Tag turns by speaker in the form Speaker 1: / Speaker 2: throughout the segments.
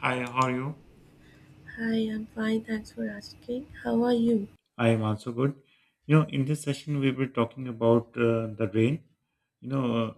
Speaker 1: Hi, how are you?
Speaker 2: Hi, I'm fine, thanks for asking. How are you?
Speaker 1: I am also good. You know, In this session, we will be talking about the rain. You know,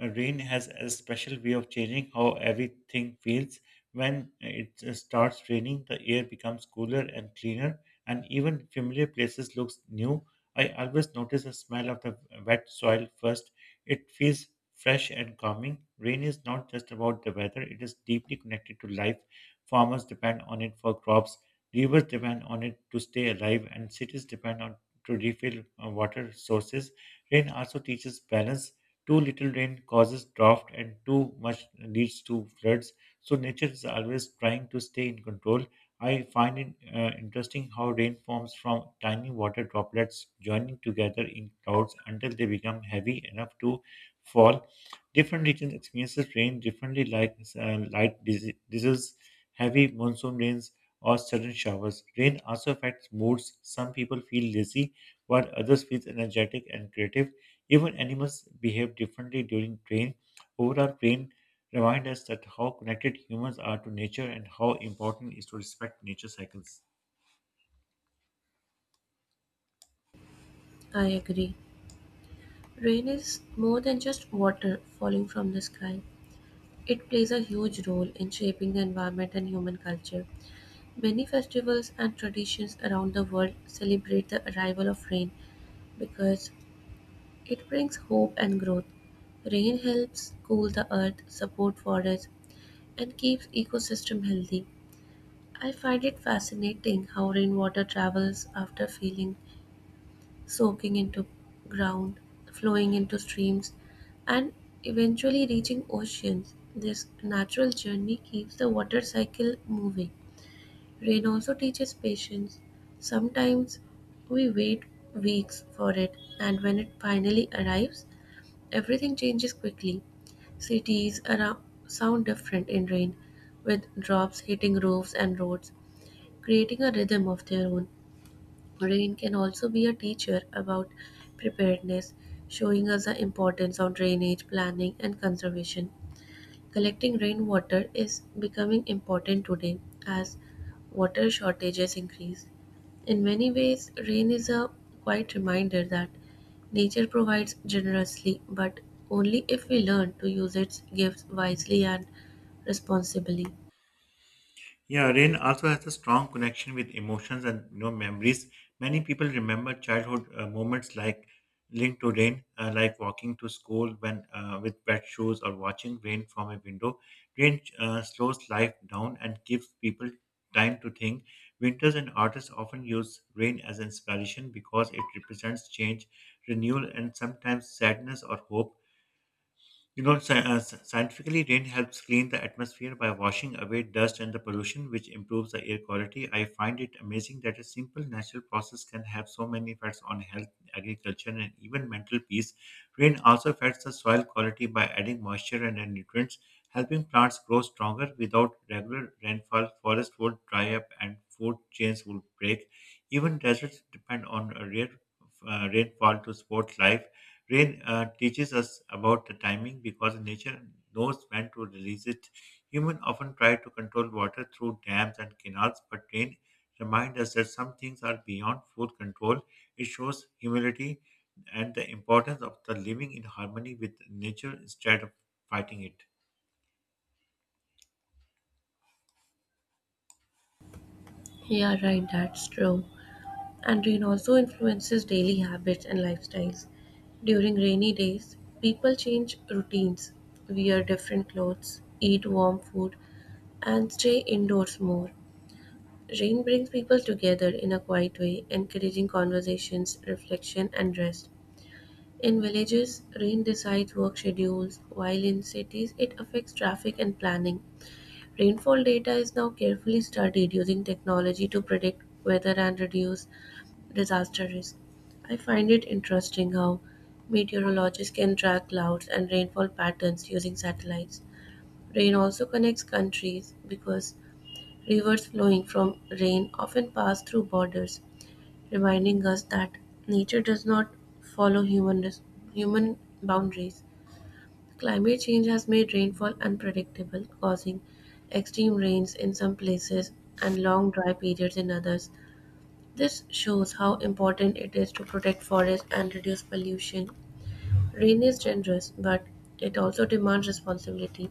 Speaker 1: rain has a special way of changing how everything feels. When it starts raining, the air becomes cooler and cleaner, and even familiar places looks new. I always notice the smell of the wet soil first. It feels fresh and calming. Rain is not just about the weather; it is deeply connected to life. Farmers depend on it for crops. Rivers depend on it to stay alive, and cities depend on to refill water sources. Rain also teaches balance. Too little rain causes drought, and too much leads to floods. So nature is always trying to stay in control. I find it interesting how rain forms from tiny water droplets joining together in clouds until they become heavy enough to fall. Different regions experiences rain differently, like light drizzles, heavy monsoon rains, or sudden showers. Rain also affects moods. Some people feel lazy, while others feel energetic and creative. Even animals behave differently during rain. Overall, rain reminds us that how connected humans are to nature and how important it is to respect nature cycles.
Speaker 2: I agree. Rain is more than just water falling from the sky. It plays a huge role in shaping the environment and human culture. Many festivals and traditions around the world celebrate the arrival of rain because it brings hope and growth. Rain helps cool the earth, support forests, and keeps ecosystem healthy. I find it fascinating how rainwater travels after feeling soaking into ground, flowing into streams, and eventually reaching oceans. This natural journey keeps the water cycle moving. Rain also teaches patience. Sometimes we wait weeks for it, and when it finally arrives, everything changes quickly. Cities around sound different in rain, with drops hitting roofs and roads, creating a rhythm of their own. Rain can also be a teacher about preparedness, showing us the importance of drainage, planning, and conservation. Collecting rainwater is becoming important today as water shortages increase. In many ways, rain is a quiet reminder that nature provides generously, but only if we learn to use its gifts wisely and responsibly.
Speaker 1: Yeah, rain also has a strong connection with emotions and memories. Many people remember childhood moments like linked to rain, like walking to school when with wet shoes or watching rain from a window. Rain slows life down and gives people time to think. Winters and artists often use rain as inspiration because it represents change, renewal, and sometimes sadness or hope. Scientifically, rain helps clean the atmosphere by washing away dust and the pollution, which improves the air quality. I find it amazing that a simple natural process can have so many effects on health, agriculture, and even mental peace. Rain also affects the soil quality by adding moisture and nutrients, helping plants grow stronger. Without regular rainfall, forests would dry up and food chains would break. Even deserts depend on a rare rainfall to support life. Rain teaches us about the timing because nature knows when to release it. Humans often try to control water through dams and canals, but rain reminds us that some things are beyond full control. It shows humility and the importance of the living in harmony with nature instead of fighting it.
Speaker 2: Yeah, right, that's true, and rain also influences daily habits and lifestyles. During rainy days, people change routines, wear different clothes, eat warm food, and stay indoors more. Rain brings people together in a quiet way, encouraging conversations, reflection, and rest. In villages, rain decides work schedules, while in cities, it affects traffic and planning. Rainfall data is now carefully studied using technology to predict weather and reduce disaster risk. I find it interesting how meteorologists can track clouds and rainfall patterns using satellites. Rain also connects countries because rivers flowing from rain often pass through borders, reminding us that nature does not follow human boundaries. Climate change has made rainfall unpredictable, causing extreme rains in some places and long dry periods in others. This shows how important it is to protect forests and reduce pollution. Rain is generous, but it also demands responsibility.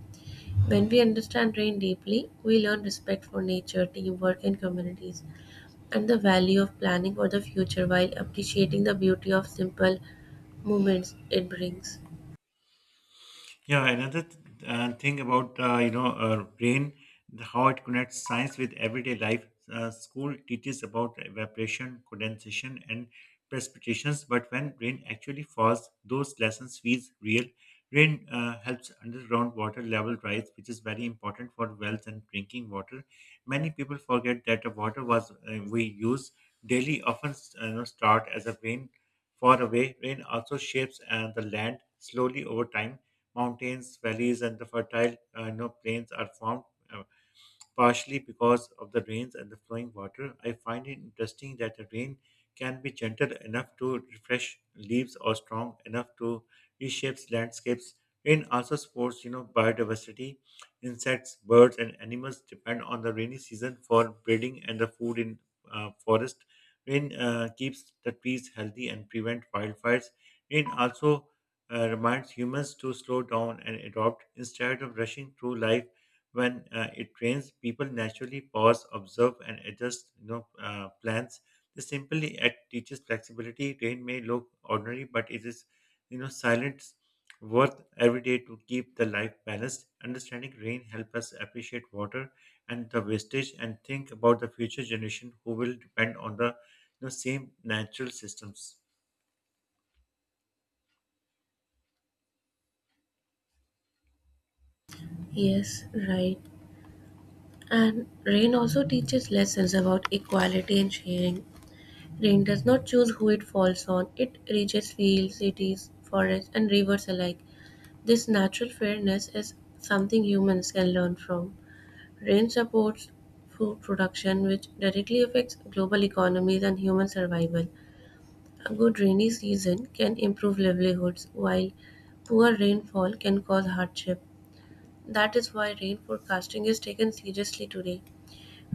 Speaker 2: When we understand rain deeply, we learn respect for nature, teamwork, and communities, and the value of planning for the future while appreciating the beauty of simple moments it brings.
Speaker 1: Yeah, another thing about brain, how it connects science with everyday life. School teaches about evaporation, condensation, and precipitations, but when rain actually falls, those lessons feels real. Rain helps underground water level rise, which is very important for wells and drinking water. Many people forget that the water was we use daily often start as a rain far away. Rain also shapes the land slowly over time, mountains, valleys, and the fertile plains are formed. Uh, partially because of the rains and the flowing water. I find it interesting that the rain can be gentle enough to refresh leaves or strong enough to reshape landscapes. Rain also supports biodiversity. Insects, birds, and animals depend on the rainy season for breeding and the food in forest. Rain keeps the trees healthy and prevent wildfires. Rain also reminds humans to slow down and adopt instead of rushing through life. When it rains, people naturally pause, observe, and adjust plans. This simply act teaches flexibility. Rain may look ordinary, but it is silence worth every day to keep the life balanced. Understanding rain help us appreciate water and the wastage, and think about the future generation who will depend on the same natural systems.
Speaker 2: Yes, right. And rain also teaches lessons about equality and sharing. Rain does not choose who it falls on, it reaches fields, cities, forests, and rivers alike. This natural fairness is something humans can learn from. Rain supports food production, which directly affects global economies and human survival. A good rainy season can improve livelihoods, while poor rainfall can cause hardship. That is why rain forecasting is taken seriously today.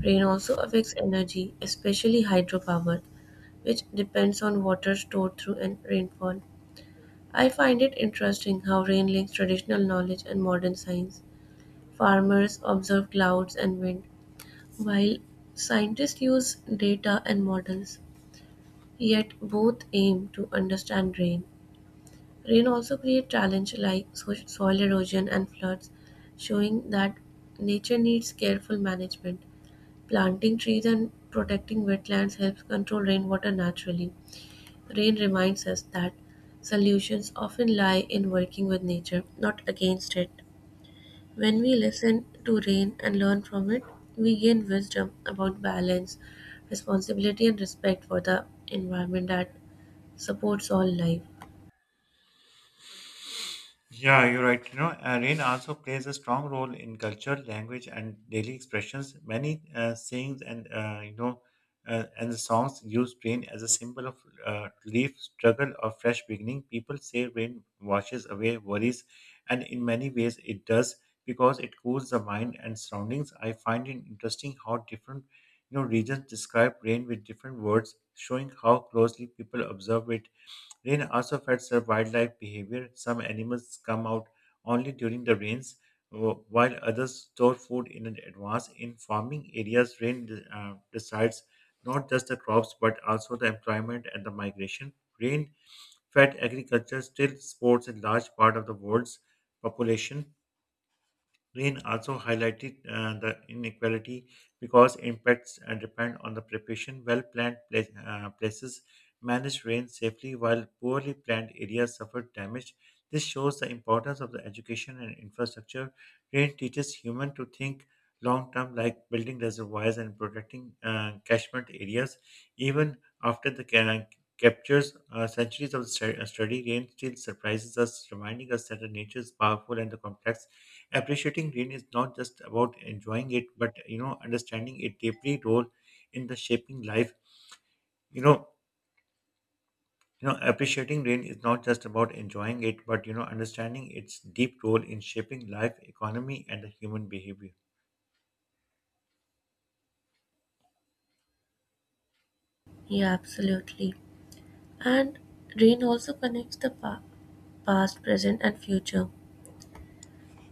Speaker 2: Rain also affects energy, especially hydropower, which depends on water stored through an rainfall. I find it interesting how rain links traditional knowledge and modern science. Farmers observe clouds and wind, while scientists use data and models. Yet both aim to understand rain. Rain also creates challenges like soil erosion and floods, showing that nature needs careful management. Planting trees and protecting wetlands helps control rainwater naturally. Rain reminds us that solutions often lie in working with nature, not against it. When we listen to rain and learn from it, we gain wisdom about balance, responsibility, and respect for the environment that supports all life.
Speaker 1: Yeah, you're right. Rain also plays a strong role in culture, language, and daily expressions. Many sayings and the songs use rain as a symbol of relief, struggle, or fresh beginning. People say rain washes away worries, and in many ways it does because it cools the mind and surroundings. I find it interesting how different regions describe rain with different words, showing how closely people observe it. Rain also affects their wildlife behavior. Some animals come out only during the rains, while others store food in advance. In farming areas, rain decides not just the crops but also the employment and the migration. Rain fed agriculture still supports a large part of the world's population. Rain also highlighted the inequality because impacts depend on the preparation. Well planned places managed rain safely, while poorly planned areas suffered damage. This shows the importance of the education and infrastructure. Rain teaches humans to think long term, like building reservoirs and protecting catchment areas. Even after the captures centuries of study, rain still surprises us, reminding us that the nature is powerful and the complex. Appreciating green is not just about enjoying it, but understanding it deeply role in the shaping life. You know, appreciating rain is not just about enjoying it, but understanding its deep role in shaping life, economy, and the human behavior.
Speaker 2: Yeah, absolutely. And rain also connects the past, present, and future.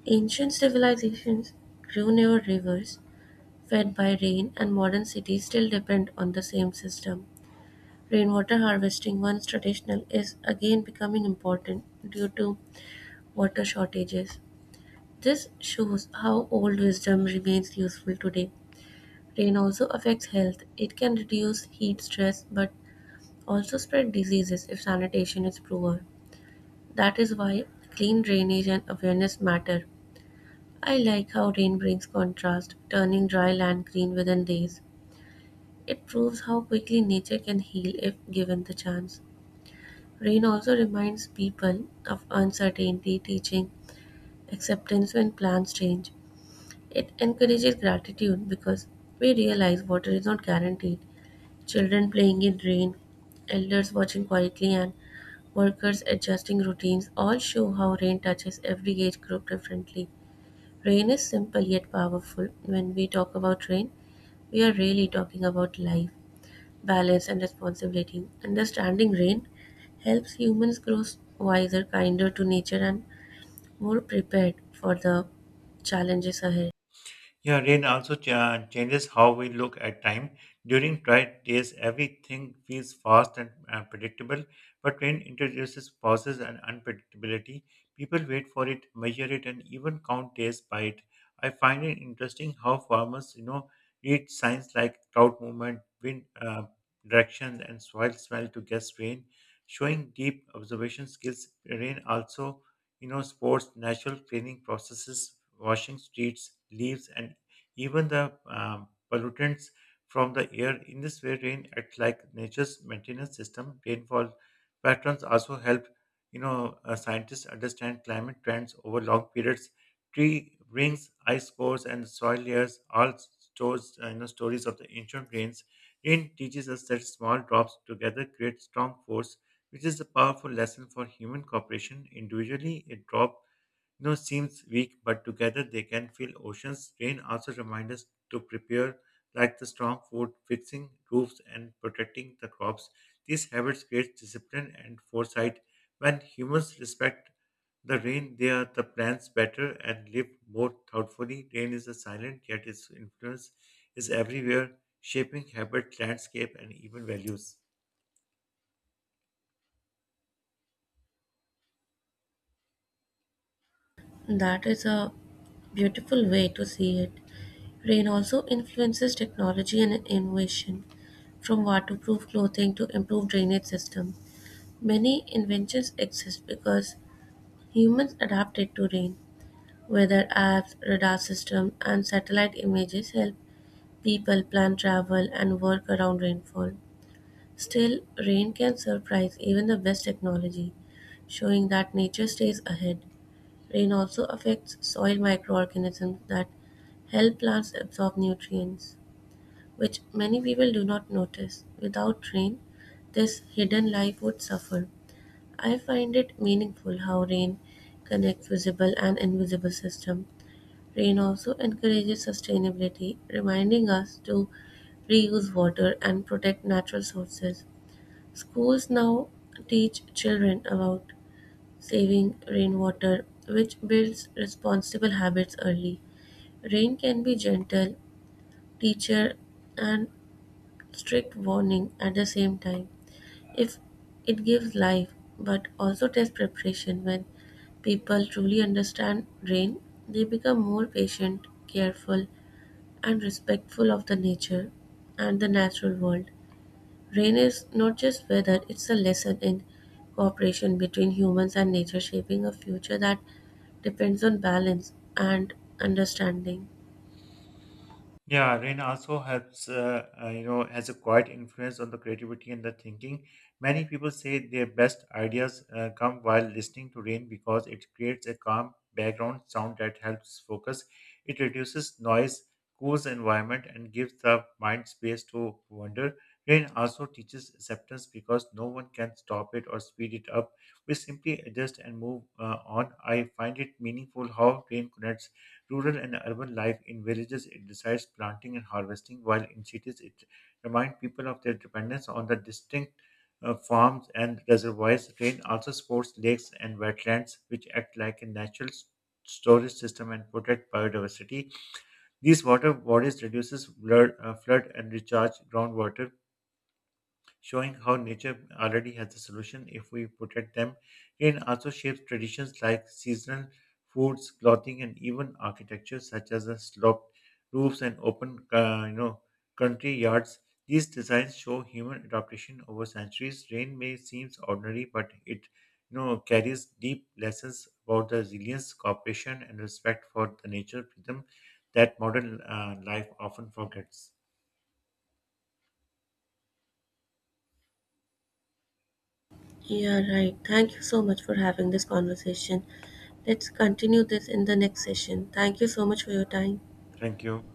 Speaker 2: Ancient civilizations grew near rivers, fed by rain, and modern cities still depend on the same system. Rainwater harvesting, once traditional, is again becoming important due to water shortages. This shows how old wisdom remains useful today. Rain also affects health. It can reduce heat stress but also spread diseases if sanitation is poor. That is why clean drainage and awareness matter. I like how rain brings contrast, turning dry land green within days. It proves how quickly nature can heal if given the chance. Rain also reminds people of uncertainty, teaching acceptance when plans change. It encourages gratitude because we realize water is not guaranteed. Children playing in rain, elders watching quietly, and workers adjusting routines all show how rain touches every age group differently. Rain is simple yet powerful. When we talk about rain, we are really talking about life, balance, and responsibility. Understanding rain helps humans grow wiser, kinder to nature, and more prepared for the challenges ahead.
Speaker 1: Yeah, rain also changes how we look at time. During dry days, everything feels fast and predictable, but rain introduces pauses and unpredictability. People wait for it, measure it, and even count days by it. I find it interesting how farmers read signs like cloud movement, wind directions, and soil smell to guess rain, showing deep observation skills. Rain also sports, natural cleaning processes, washing streets, leaves, and even the pollutants from the air. In this way, rain acts like nature's maintenance system. Rainfall patterns also help scientists understand climate trends over long periods. Tree rings, ice cores, and soil layers all stores stories of the ancient rains. Rain teaches us that small drops together create strong force, which is a powerful lesson for human cooperation. Individually, a drop seems weak, but together they can fill oceans. Rain also reminds us to prepare like the strong food, fixing roofs and protecting the crops. These habits create discipline and foresight. When humans respect the rain, they are the plants better and live more thoughtfully. Rain is a silent, yet its influence is everywhere, shaping habit, landscape, and even values.
Speaker 2: That is a beautiful way to see it. Rain also influences technology and innovation, from waterproof clothing to improved drainage system. Many inventions exist because humans adapted to rain. Weather apps, radar systems, and satellite images help people plan travel and work around rainfall. Still, rain can surprise even the best technology, showing that nature stays ahead. Rain also affects soil microorganisms that help plants absorb nutrients, which many people do not notice. Without rain, this hidden life would suffer. I find it meaningful how rain connects visible and invisible systems. Rain also encourages sustainability, reminding us to reuse water and protect natural sources. Schools now teach children about saving rainwater, which builds responsible habits early. Rain can be gentle, teacher, and strict warning at the same time. If it gives life, but also test preparation when people truly understand rain, they become more patient, careful, and respectful of the nature and the natural world. Rain is not just weather, it's a lesson in cooperation between humans and nature, shaping a future that depends on balance and understanding.
Speaker 1: Yeah, rain also helps has a quiet influence on the creativity and the thinking. Many people say their best ideas come while listening to rain because it creates a calm background sound that helps focus. It reduces noise, cools the environment, and gives the mind space to wander. Rain also teaches acceptance because no one can stop it or speed it up. We simply adjust and move on. I find it meaningful how rain connects rural and urban life. In villages, it decides planting and harvesting, while in cities, it reminds people of their dependence on the distinct farms and reservoirs. Rain also supports lakes and wetlands, which act like a natural storage system and protect biodiversity. These water bodies reduces flood and recharge groundwater, showing how nature already has the solution if we protect them. Rain also shapes traditions like seasonal foods, clothing, and even architecture, such as the sloped roofs and open country yards. These designs show human adaptation over centuries. Rain may seem ordinary, but it carries deep lessons about the resilience, cooperation, and respect for the nature rhythm that modern life often forgets.
Speaker 2: Yeah, right. Thank you so much for having this conversation. Let's continue this in the next session. Thank you so much for your time.
Speaker 1: Thank you.